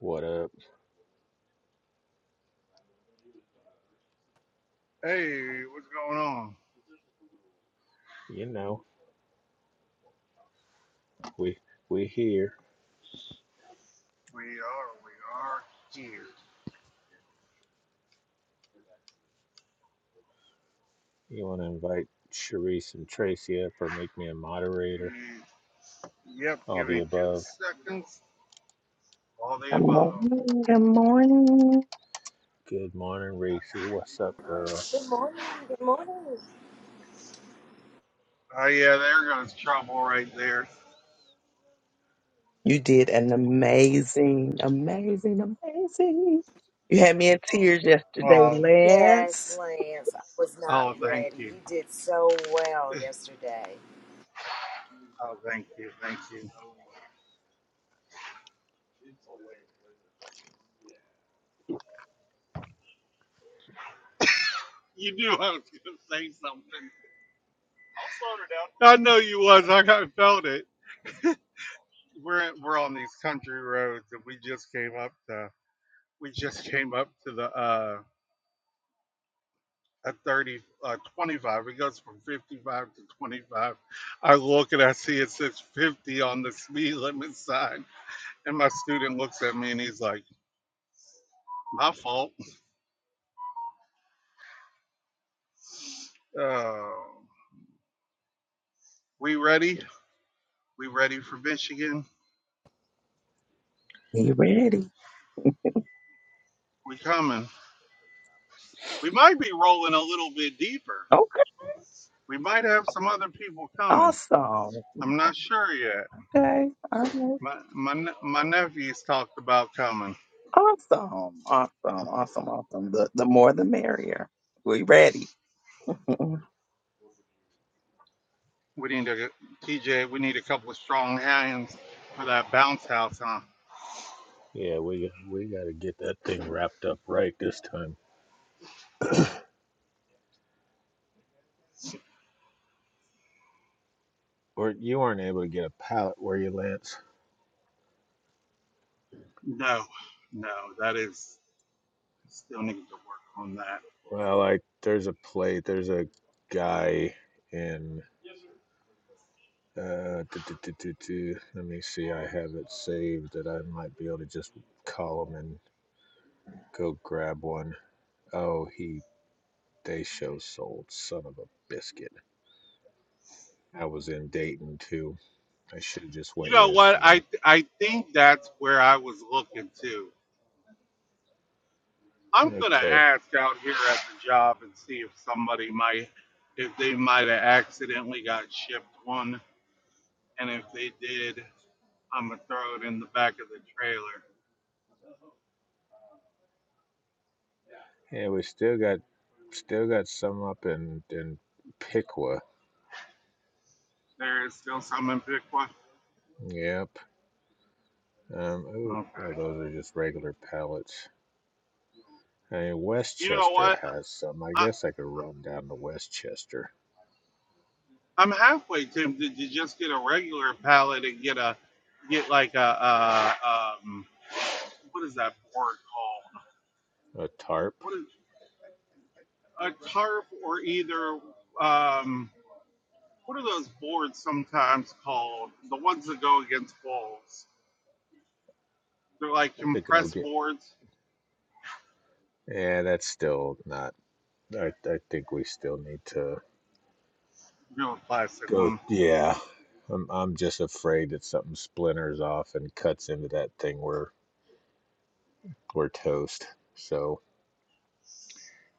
What up? Hey, what's going on? You know, we we here. We are, we are here. You want to invite Sharice and Tracy up or make me a moderator? Mm, Yep, All give the me two above. seconds. All the Good above. morning. Good morning. Good morning, Racy. What's up, girl? Good morning. Good morning. Oh yeah, there goes trouble right there. You did an amazing, amazing, amazing. You had me in tears yesterday, Um, Yes, Lance. Lance, I was not oh, ready. thank you. You did so well yesterday. Oh, thank you, thank you. You knew I was gonna say something. I'll her down. I know you was. I kind of felt it. We're we're on these country roads, and we just came up to we just came up to the uh at 30, uh, 25. It goes from 55 to 25. I look and I see it says 50 on the speed limit sign. And my student looks at me and he's like, my fault. Uh, we ready? We ready for Michigan? Are you ready? We coming. We might be rolling a little bit deeper. Okay. We might have some other people coming. Awesome. I'm not sure yet. Okay. All right. My, my, ne- my nephews talked about coming. Awesome. Awesome. Awesome. Awesome. The the more the merrier. We ready. Mm-mm. We need a TJ. We need a couple of strong hands for that bounce house, huh? Yeah, we we got to get that thing wrapped up right this time. Or you weren't able to get a pallet, were you, Lance? No, no, that is I still need to work on that. Well, like there's a plate. There's a guy in. Uh, du- du- du- du- du. let me see. I have it saved that I might be able to just call him and go grab one. Oh, he They show sold, son of a biscuit. I was in Dayton too. I should have just You went know what? I yesterday. I think that's where I was looking to. I'm gonna Okay. ask out here at the job and see if somebody might, if they might have accidentally got shipped one, and if they did, I'm gonna throw it in the back of the trailer. Yeah, we still got still got some up in in Piqua. There is still some in Bitcoin. Yep. Um ooh, no, Okay. those are just regular pallets. I mean, You know Westchester what? has some. I I guess I could run down to Westchester. I'm halfway tempted to just get a regular pallet and get a get like a uh um what is that board called? A tarp What is a tarp or either um, what are those boards sometimes called? The ones that go against walls. They're like to go compressed get. boards. Yeah, that's still not. I, I think we still need to. Real plastic Go, one. yeah. I'm I'm just afraid that something splinters off and cuts into that thing. We're we're toast. So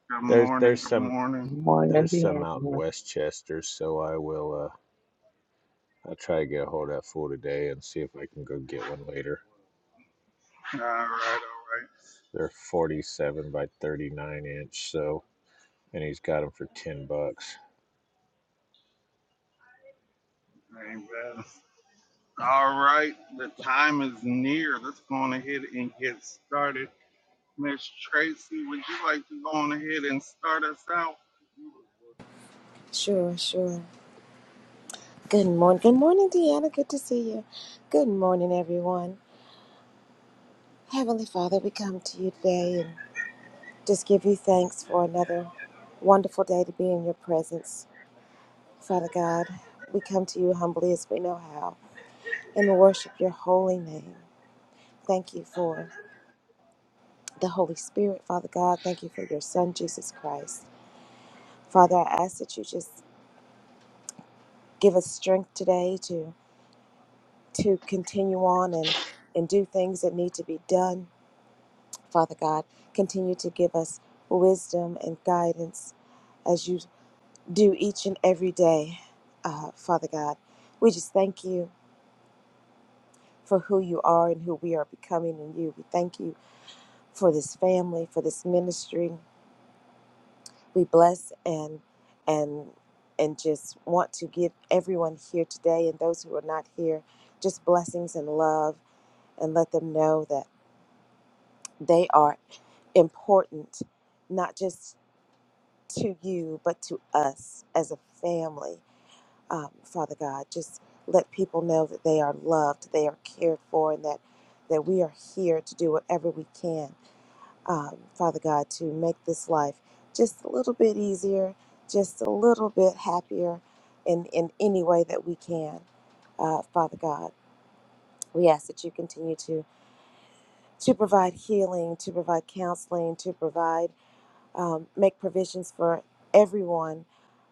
Good there's morning. there's Good some morning. Good morning, there's some out in Deanna. Westchester. So I will uh I'll try to get a hold of that fool today and see if I can go get one later. All right. All They're 47 by 39 inch. So and he's got them for 10 bucks. right. Amen. All right. The time is near. Let's go on ahead and get started. Miss Tracy, would you like to go on ahead and start us out? Sure, sure. Good morning. Good morning, Deanna. Good to see you. Good morning, everyone. Heavenly Father, we come to you today and just give you thanks for another wonderful day to be in your presence. Father God, we come to you humbly as we know how and worship your holy name. Thank you for the Holy Spirit, Father God. Thank you for your Son, Jesus Christ. Father, I ask that you just give us strength today to to continue on and and do things that need to be done. Father God, continue to give us wisdom and guidance as you do each and every day. Uh, Father God, we just thank you for who you are and who we are becoming in you. We thank you for this family, for this ministry. we bless and and and just want to give everyone here today and those who are not here just blessings and love and let them know that they are important not just to you but to us as a family um, father god just let people know that they are loved they are cared for and that that we are here to do whatever we can um, Father God, to make this life just a little bit easier, just a little bit happier in, in any way that we can, uh, Father God. We ask that you continue to, to provide healing, to provide counseling, to provide, um, make provisions for everyone,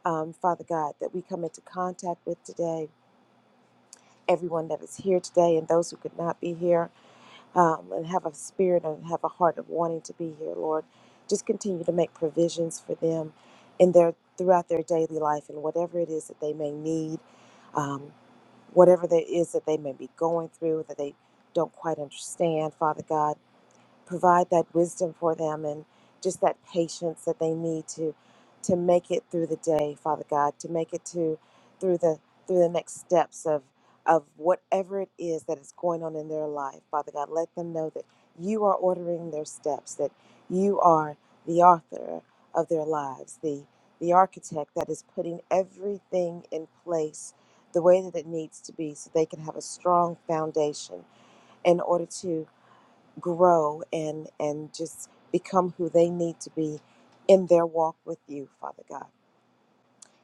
um, Father God, that we come into contact with today, everyone that is here today and those who could not be here. um, and have a spirit and have a heart of wanting to be here, Lord. Just continue to make provisions for them in their throughout their daily life and whatever it is that they may need, um, whatever there is that they may be going through that they don't quite understand, Father God provide that wisdom for them and just that patience that they need to to make it through the day father god to make it to through the through the next steps of of whatever it is that is going on in their life father god let them know that you are ordering their steps that you are the author of their lives the the architect that is putting everything in place the way that it needs to be so they can have a strong foundation in order to grow and and just become who they need to be in their walk with you father god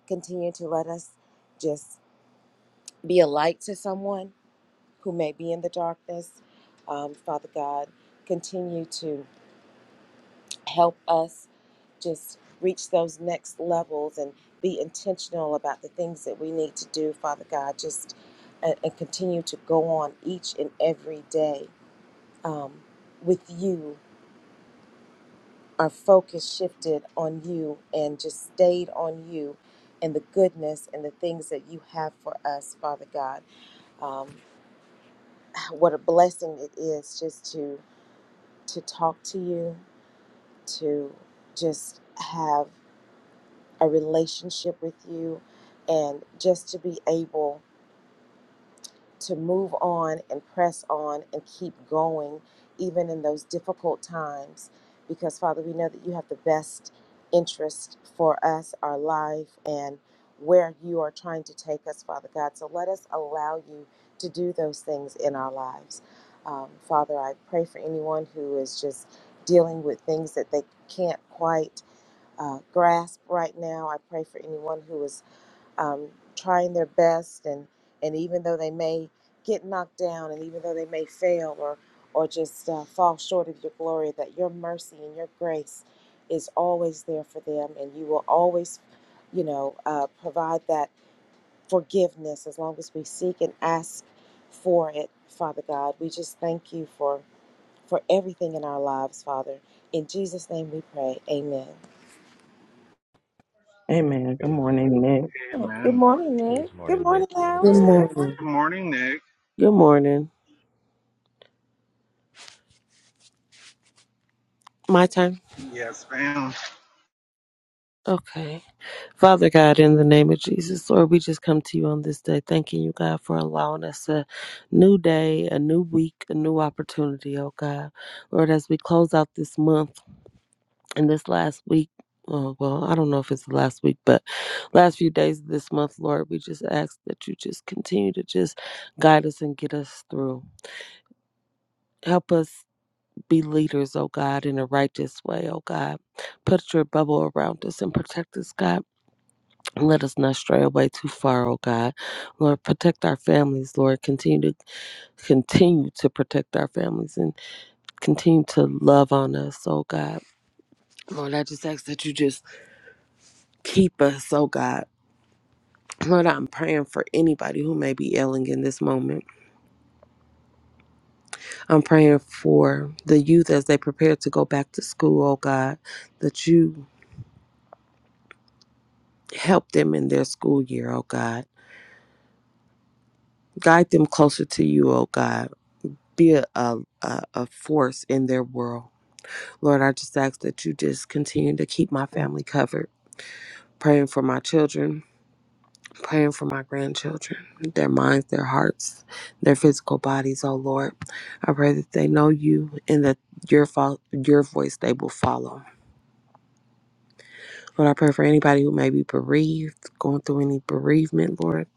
continue to let us just be a light to someone who may be in the darkness um, father god continue to help us just reach those next levels and be intentional about the things that we need to do father god just and, and continue to go on each and every day um, with you our focus shifted on you and just stayed on you and the goodness and the things that you have for us, Father God. Um, what a blessing it is just to to talk to you, to just have a relationship with you, and just to be able to move on and press on and keep going, even in those difficult times. Because, Father, we know that you have the best interest for us, our life, and where you are trying to take us, Father God. So let us allow you to do those things in our lives. Um, Father, I pray for anyone who is just dealing with things that they can't quite uh, grasp right now. I pray for anyone who is um, trying their best and and even though they may get knocked down and even though they may fail or or just uh, fall short of your glory that your mercy and your grace is always there for them and you will always you know uh, provide that forgiveness as long as we seek and ask for it father god we just thank you for for everything in our lives father in jesus name we pray amen Amen. Good morning, Amen. Nick. good Amen. morning Good nick good morning, Nick. morning You want to Good go? alex Good morning. morning, Nick. Good morning. My turn. Yes, ma'am. Okay. Father God, in the name of Jesus, Lord, we just come to you on this day, thanking you, God, for allowing us a new day, a new week, a new opportunity, oh God. Lord, as we close out this month and this last week, oh, well, I don't know if it's the last week, but last few days of this month, Lord, we just ask that you just continue to just guide us and get us through. Help us be leaders, oh God, in a righteous way, oh God. Put your bubble around us and protect us, God. And let us not stray away too far, oh God. Lord, protect our families, Lord. Continue to continue to protect our families and continue to love on us, oh God. Lord, I just ask that you just keep us, oh God. Lord, I'm praying for anybody who may be ailing in this moment. I'm praying for the youth as they prepare to go back to school, oh God, that you Help them in their school year, oh God. Guide them closer to you, oh God. Be a, a, a a force in their world. Lord, I just ask that you just continue to keep my family covered. Praying for my children, praying for my grandchildren, their minds, their hearts, their physical bodies, oh Lord. I pray that they know you and that your, fo- your voice they will follow. Lord, I pray for anybody who may be bereaved, going through any bereavement, Lord.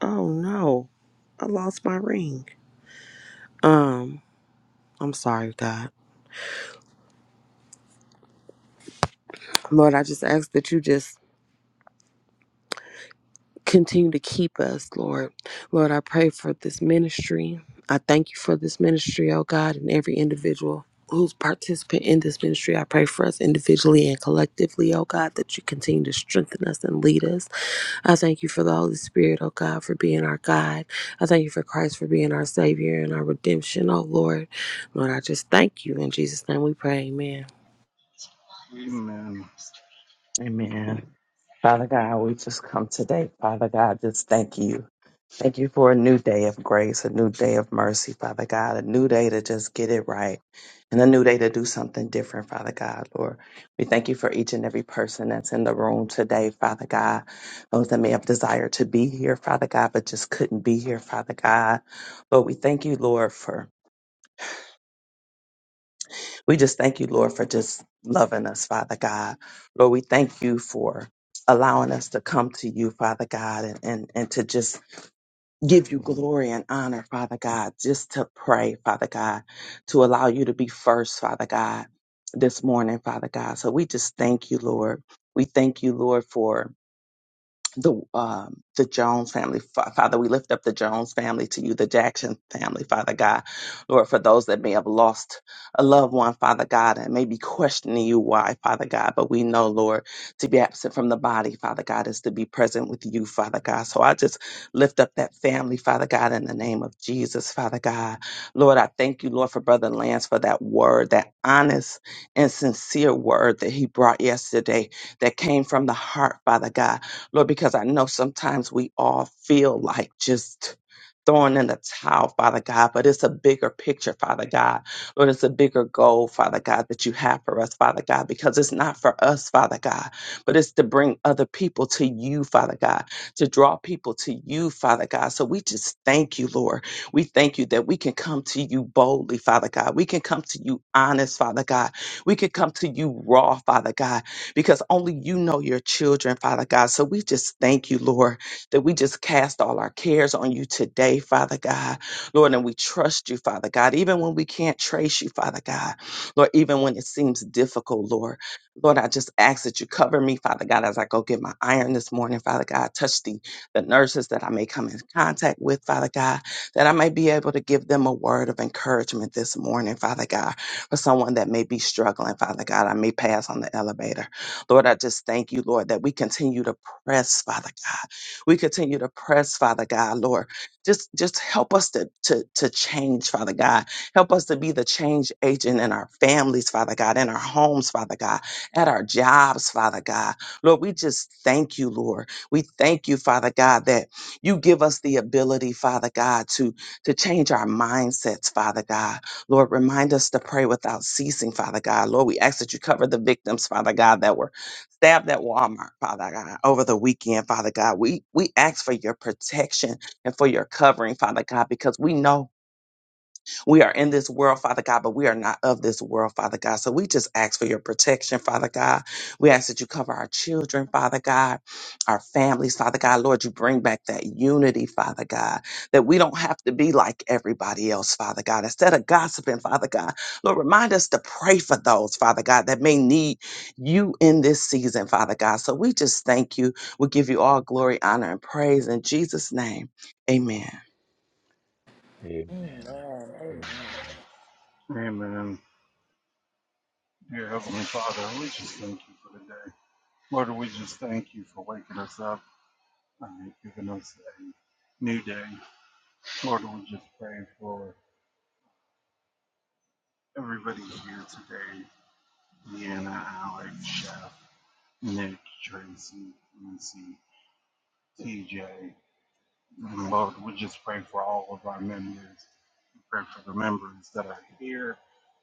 Oh no, I lost my ring. Um, I'm sorry, God. Lord, I just ask that you just continue to keep us, Lord. Lord, I pray for this ministry. I thank you for this ministry, oh God, and every individual who's participant in this ministry. I pray for us individually and collectively, oh God, that you continue to strengthen us and lead us. I thank you for the Holy Spirit, oh God, for being our guide. I thank you for Christ for being our Savior and our redemption, oh Lord. Lord, I just thank you. In Jesus' name we pray. Amen. Amen. Amen. Father God, we just come today. Father God, just thank you. Thank you for a new day of grace, a new day of mercy, Father God, a new day to just get it right, and a new day to do something different, Father God, Lord. We thank you for each and every person that's in the room today, Father God. Those that may have desired to be here, Father God, but just couldn't be here, Father God. Lord, we thank you, Lord, for, we just thank you, Lord, for just loving us, Father God. Lord, we thank you for allowing us to come to you, Father God, and, and, and to just give you glory and honor, Father God, just to pray, Father God, to allow you to be first, Father God, this morning, Father God. So we just thank you, Lord. We thank you, Lord, for the um, the Jones family, Fa- Father, we lift up the Jones family to you, the Jackson family, Father God, Lord, for those that may have lost a loved one, Father God, and may be questioning you why, Father God, but we know, Lord, to be absent from the body, Father God, is to be present with you, Father God. So I just lift up that family, Father God, in the name of Jesus, Father God, Lord, I thank you, Lord, for Brother Lance for that word, that honest and sincere word that he brought yesterday, that came from the heart, Father God. Lord, because I know sometimes we all feel like just throwing in the towel, Father God, but it's a bigger picture, Father God. Lord, it's a bigger goal, Father God, that you have for us, Father God, because it's not for us, Father God, but it's to bring other people to you, Father God, to draw people to you, Father God. So we just thank you, Lord. We thank you that we can come to you boldly, Father God. We can come to you honest, Father God. We can come to you raw, Father God because only you know your children, Father God. So we just thank you, Lord, that we just cast all our cares on you today, Father God. Lord, and we trust you, Father God, even when we can't trace you, Father God. Lord, even when it seems difficult, Lord. Lord, I just ask that you cover me, Father God, as I go get my iron this morning, Father God. Touch the, the nurses that I may come in contact with, Father God, that I may be able to give them a word of encouragement this morning, Father God, for someone that may be struggling, Father God. I may pass on the elevator. Lord, I just thank you, Lord, that we continue to press, Father God. We continue to press, Father God, Lord. Just just help us to, to, to change, Father God. Help us to be the change agent in our families, Father God, in our homes, Father God, at our jobs, Father God. Lord, we just thank you, Lord. We thank you, Father God, that you give us the ability, Father God, to, to change our mindsets, Father God. Lord, remind us to pray without ceasing, Father God. Lord, we ask that you cover the victims, Father God, that were stabbed at Walmart, Father God, over the weekend, Father God. We we ask for your protection and for your covering, Father God, because we know we are in this world, Father God, but we are not of this world, Father God. So we just ask for your protection, Father God. We ask that you cover our children, Father God, our families, Father God. Lord, you bring back that unity, Father God, that we don't have to be like everybody else, Father God. Instead of gossiping, Father God, Lord, remind us to pray for those, Father God, that may need you in this season, Father God. So we just thank you. We give you all glory, honor, and praise in Jesus' name. Amen. Amen. Amen. Amen. Dear Heavenly Father, we just thank you for the day. Lord, we just thank you for waking us up and giving us a new day. Lord, we just pray for everybody here today. Deanna, Alex, Chef, Nick, Tracy, Lucy, TJ. And Lord, we just pray for all of our members. We pray for the members that are here.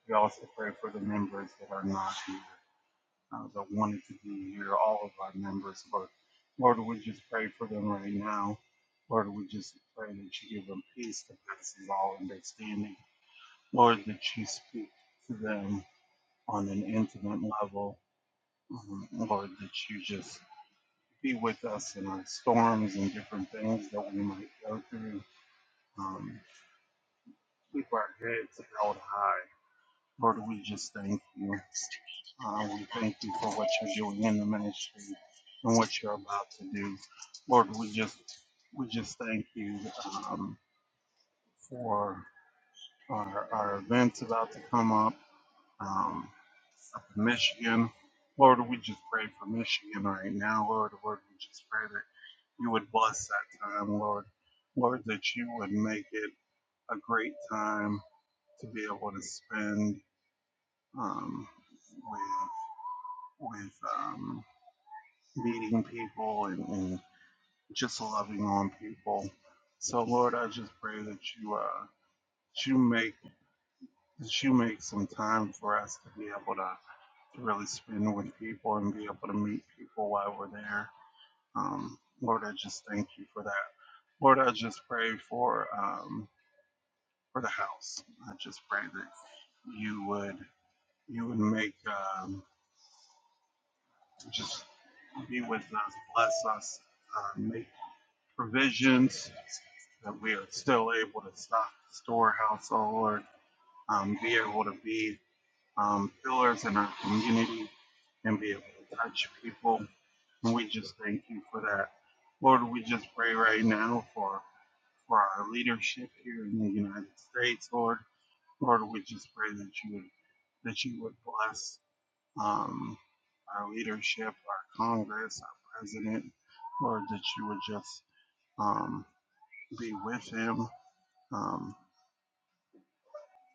We also pray for the members that are not here. uh, that wanted to be here, all of our members. Lord, Lord, we just pray for them right now. Lord, we just pray that you give them peace that passes all understanding. Lord, that you speak to them on an intimate level. Um, Lord, that you just be with us in our storms and different things that we might go through. Um, keep our heads held high Lord, we just thank you. Uh, we thank you for what you're doing in the ministry and what you're about to do. Lord, we just we just thank you um, for our, our events about to come up, um, up in Michigan. Lord, we just pray for Michigan right now, Lord. Lord, we just pray that you would bless that time, Lord. Lord, that you would make it a great time to be able to spend um, with um, meeting people and, and just loving on people. So Lord, I just pray that you uh, that you make that you make some time for us to be able to, to really spend with people and be able to meet people while we're there. Um, Lord, I just thank you for that. Lord, I just pray for um, for the house. I just pray that you would you would make um, just be with us, bless us, uh, make provisions that we are still able to stock the storehouse, or um, be able to be um, pillars in our community and be able to touch people. And we just thank you for that. Lord, we just pray right now for for our leadership here in the United States, Lord. Lord, we just pray that you would that you would bless um, our leadership, our Congress, our president, Lord, that you would just um, be with him um,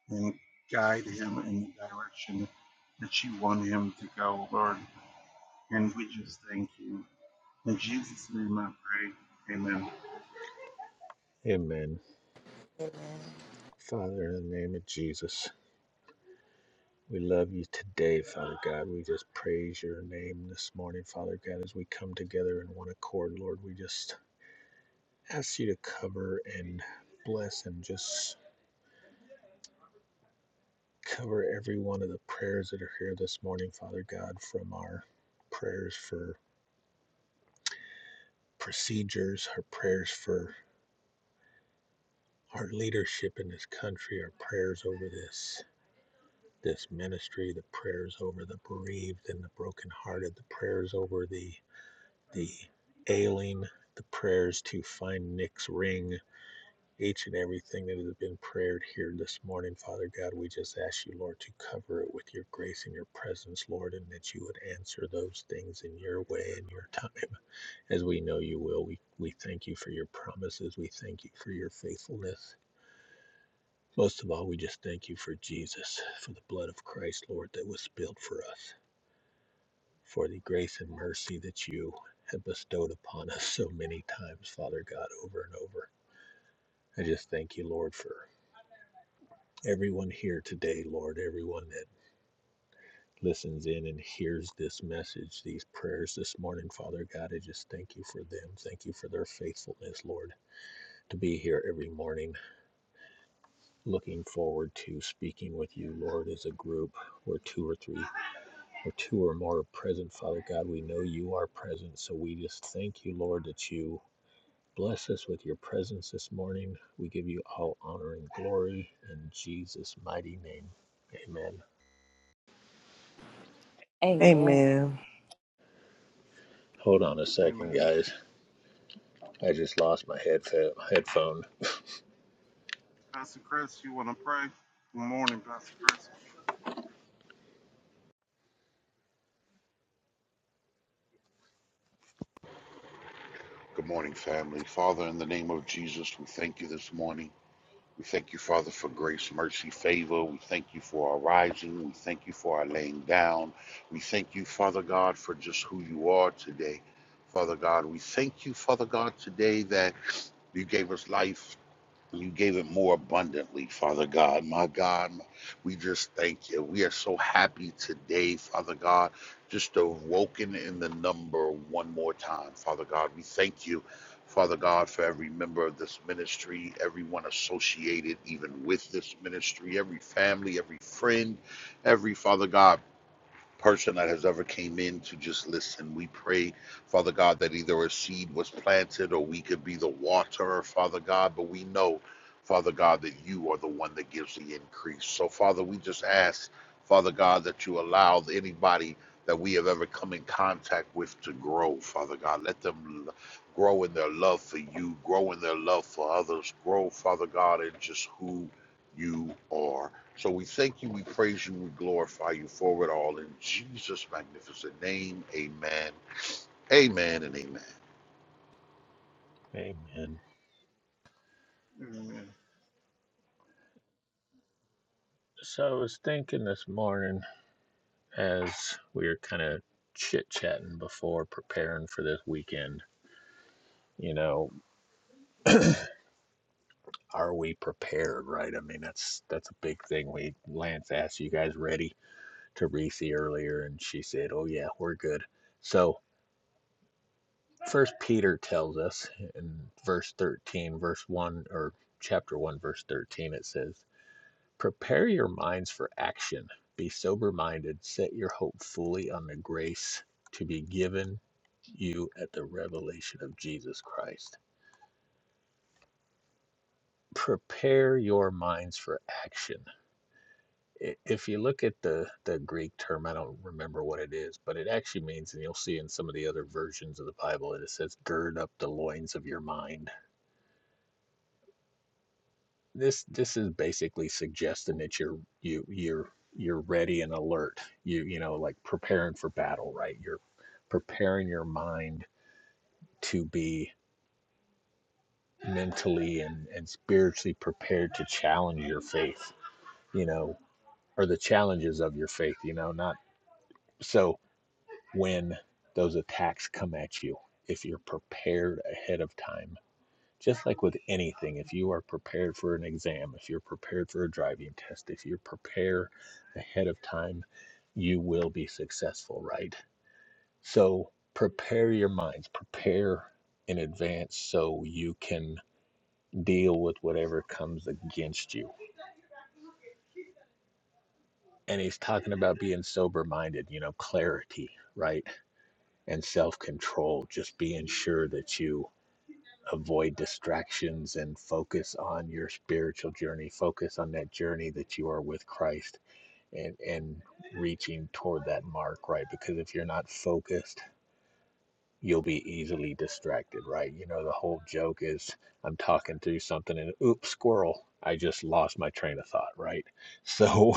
and guide him in the direction that you want him to go, Lord. And we just thank you. In Jesus' name I pray. Amen. Amen. Father, in the name of Jesus. We love you today, Father God. We just praise your name this morning, Father God, as we come together in one accord, Lord. We just ask you to cover and bless and just cover every one of the prayers that are here this morning, Father God, from our prayers for procedures, our prayers for our leadership in this country, our prayers over this this ministry, the prayers over the bereaved and the brokenhearted, the prayers over the the ailing, the prayers to find Nick's ring, each and everything that has been prayed here this morning, Father God. We just ask you, Lord, to cover it with your grace and your presence, Lord, and that you would answer those things in your way and your time, as we know you will. We, we thank you for your promises. We thank you for your faithfulness. Most of all, we just thank you for Jesus, for the blood of Christ, Lord, that was spilled for us. for the grace and mercy that you have bestowed upon us so many times, Father God, over and over. I just thank you, Lord, for everyone here today, Lord, everyone that listens in and hears this message, these prayers this morning, Father God. I just thank you for them. Thank you for their faithfulness, Lord, to be here every morning. Looking forward to speaking with you, Lord, as a group where two or three or two or more are present, Father God. We know you are present, so we just thank you, Lord, that you Bless us with your presence this morning. We give you all honor and glory in Jesus' mighty name. Amen. amen Amen. Hold on a second, Amen. guys. I just lost my headfa- headphone. Pastor Chris, you want to pray? Good morning, Pastor Chris. Good morning, family. Father, in the name of Jesus, we thank you this morning. We thank you, Father, for grace, mercy, favor. We thank you for our rising. We thank you for our laying down. We thank you, Father God, for just who you are today. Father God, we thank you, Father God, today that you gave us life you gave it more abundantly, Father God. My God, we just thank you. We are so happy today, Father God, just awoken in the number one more time, Father God. We thank you, Father God, for every member of this ministry, everyone associated even with this ministry, every family, every friend, every Father God person that has ever came in to just listen. We pray, Father God, that either a seed was planted or we could be the waterer, Father God, but we know, Father God, that you are the one that gives the increase. So, Father, we just ask, Father God, that you allow anybody that we have ever come in contact with to grow, Father God. Let them l- grow in their love for you, grow in their love for others, grow, Father God, in just who you are. So we thank you, we praise you, we glorify you for it all in Jesus' magnificent name. Amen. Amen and amen. Amen. Amen. So I was thinking this morning as we were kind of chit chatting before preparing for this weekend. You know, are we prepared? Right? I mean, that's that's a big thing. We Lance asked you guys ready to Reese earlier, and she said, "Oh yeah, we're good." So First Peter tells us in verse 13, verse 1 or chapter 1 verse 13 it says, "Prepare your minds for action. Be sober-minded. Set your hope fully on the grace to be given you at the revelation of Jesus Christ." Prepare your minds for action. I- If you look at the the Greek term, I don't remember what it is, but it actually means and you'll see in some of the other versions of the Bible it says gird up the loins of your mind this this is basically suggesting that you're you you're you're ready and alert you you know like preparing for battle right you're preparing your mind to be mentally and and spiritually prepared to challenge your faith you know or the challenges of your faith you know not so when those attacks come at you if you're prepared ahead of time Just like with anything, if you are prepared for an exam, if you're prepared for a driving test, if you prepare ahead of time, you will be successful, right? So prepare your minds, prepare in advance so you can deal with whatever comes against you. And he's talking about being sober minded, you know, clarity, right? And self control, just being sure that you avoid distractions and focus on your spiritual journey focus on that journey that you are with christ and and reaching toward that mark right because if you're not focused you'll be easily distracted right you know the whole joke is i'm talking through something and oops squirrel i just lost my train of thought right so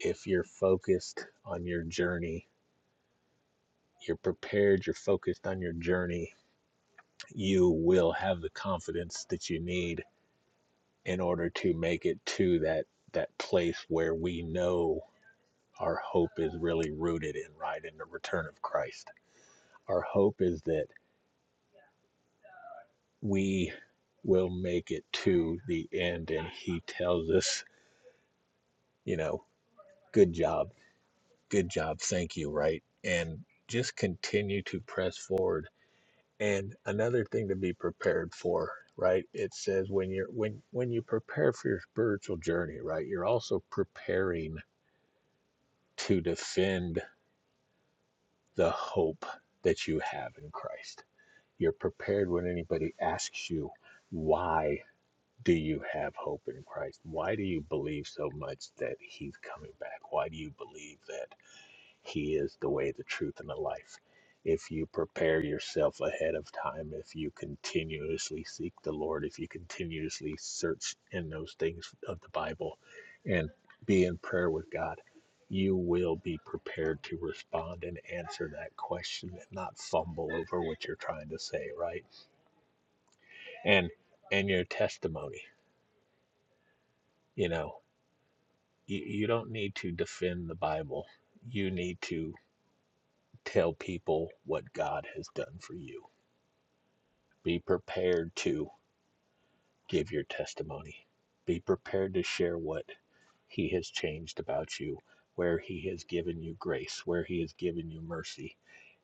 if you're focused on your journey you're prepared you're focused on your journey you will have the confidence that you need in order to make it to that that place where we know our hope is really rooted in right in the return of Christ. Our hope is that we will make it to the end and he tells us, you know, good job. Good job. Thank you, right? And just continue to press forward. And another thing to be prepared for, right? It says when you're when when you prepare for your spiritual journey, right? You're also preparing to defend the hope that you have in Christ. You're prepared when anybody asks you, why do you have hope in Christ? Why do you believe so much that he's coming back? Why do you believe that? He is the way, the truth, and the life. If you prepare yourself ahead of time, if you continuously seek the Lord, if you continuously search in those things of the Bible and be in prayer with God, you will be prepared to respond and answer that question and not fumble over what you're trying to say, right? And and your testimony, you know, you, you don't need to defend the Bible. You need to tell people what God has done for you Be prepared to give your testimony. Be prepared to share what He has changed about you, where He has given you grace, where He has given you mercy.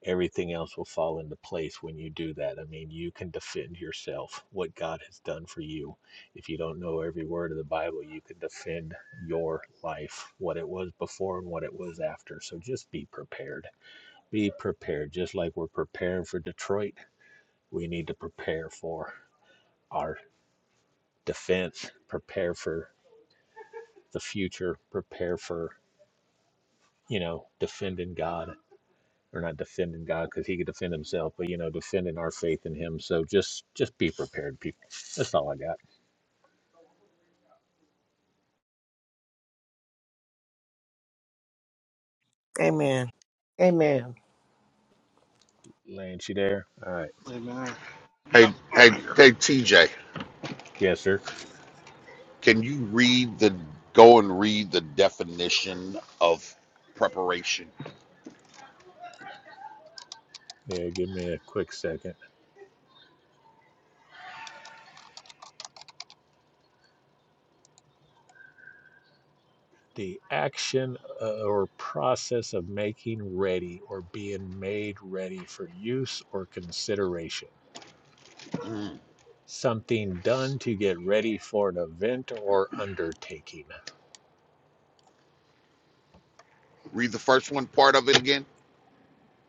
Everything else will fall into place when you do that. I mean, you can defend yourself, what God has done for you. If you don't know every word of the Bible, you can defend your life, what it was before and what it was after. So just be prepared. Be prepared. Just like we're preparing for Detroit, we need to prepare for our defense, prepare for the future, prepare for, you know, defending God or not defending God because he could defend himself, but you know, defending our faith in him. So just just be prepared, people. That's all I got. Amen. Amen. Lance, you there? All right. Amen. Yep, Hey, hey, I'm here. hey, TJ, Yes, sir. can you read the go and read the definition of preparation? Yeah, give me a quick second. The action uh, or process of making ready or being made ready for use or consideration. Mm. Something done to get ready for an event or undertaking. Read the first one part of it again.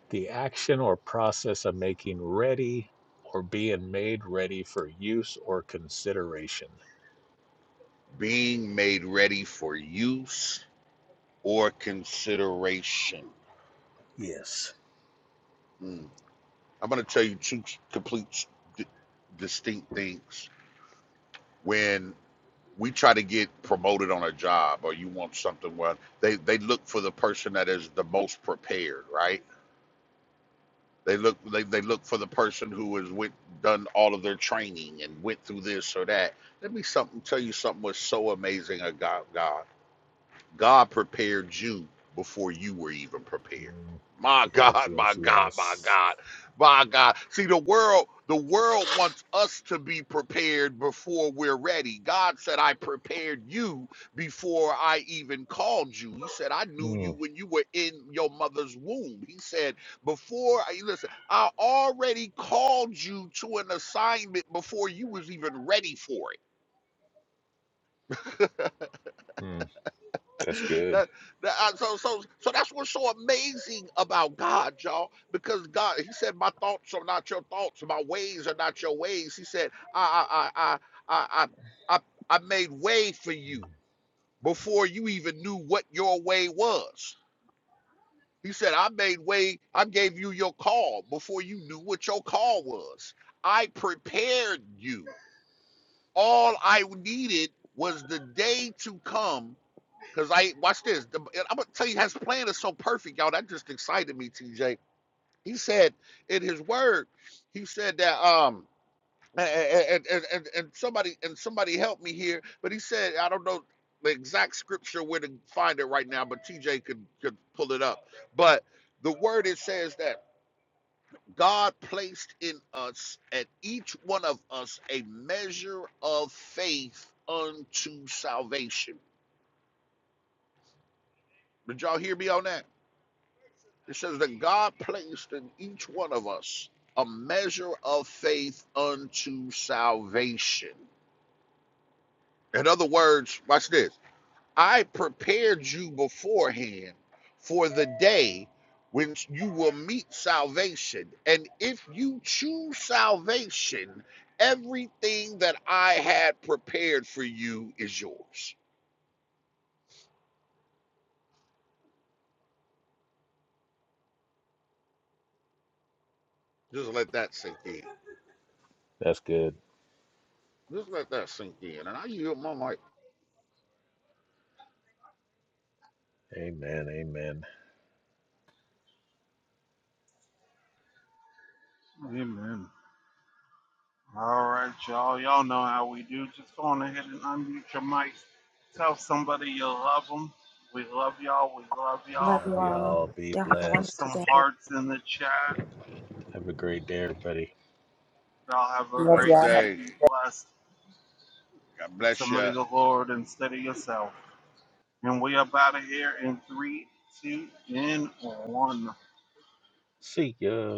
the action or process of making ready or being made ready for use or consideration. Being made ready for use or consideration. Yes. Mm. I'm going to tell you two complete, s- distinct things. When we try to get promoted on a job or you want something well they they look for the person that is the most prepared right they look they, they look for the person who has went done all of their training and went through this or that let me something tell you something was so amazing about god God prepared you before you were even prepared. Mm, My yes, God, my yes, God, my yes. God, my God. See, the world, the world wants us to be prepared before we're ready. God said, I prepared you before I even called you. He said, I knew Mm, you when you were in your mother's womb. He said, before I listen, I already called you to an assignment before you was even ready for it. mm, that's good. that, that I- so so so that's what's so amazing about God, y'all. Because God, He said, "My thoughts are not your thoughts. My ways are not your ways." He said, "I I I I I I, I I made way for you before you even knew what your way was." He said, "I made way. I gave you your call before you knew what your call was. I prepared you. All I needed was the day to come." Cause I watch this. The, I'm gonna tell you, his plan is so perfect, y'all. That just excited me, TJ. He said in his word, he said that um and and, and, and somebody and somebody helped me here, but he said I don't know the exact scripture where to find it right now, but TJ could could pull it up. But the word it says that God placed in us at each one of us a measure of faith unto salvation. Did y'all hear me on that? It says that God placed in each one of us a measure of faith unto salvation. In other words, watch this. I prepared you beforehand for the day when you will meet salvation. And if you choose salvation, everything that I had prepared for you is yours. Just let that sink in. That's good. Just let that sink in. And I yield my mic. Amen. Amen. Amen. All right, y'all. Y'all know how we do. Just go on ahead and unmute your mic. Tell somebody you love them. We love y'all. We love Love y'all. you Love all. y'all. Be Y'all have a Put blessed. wonderful some day. hearts in the chat. Have a great day, everybody. Y'all have a Love Blessed great y'all. day. day. Be blessed. God Give bless somebody you. the Lord instead of yourself. And we up out of here in three, two, and one. See ya.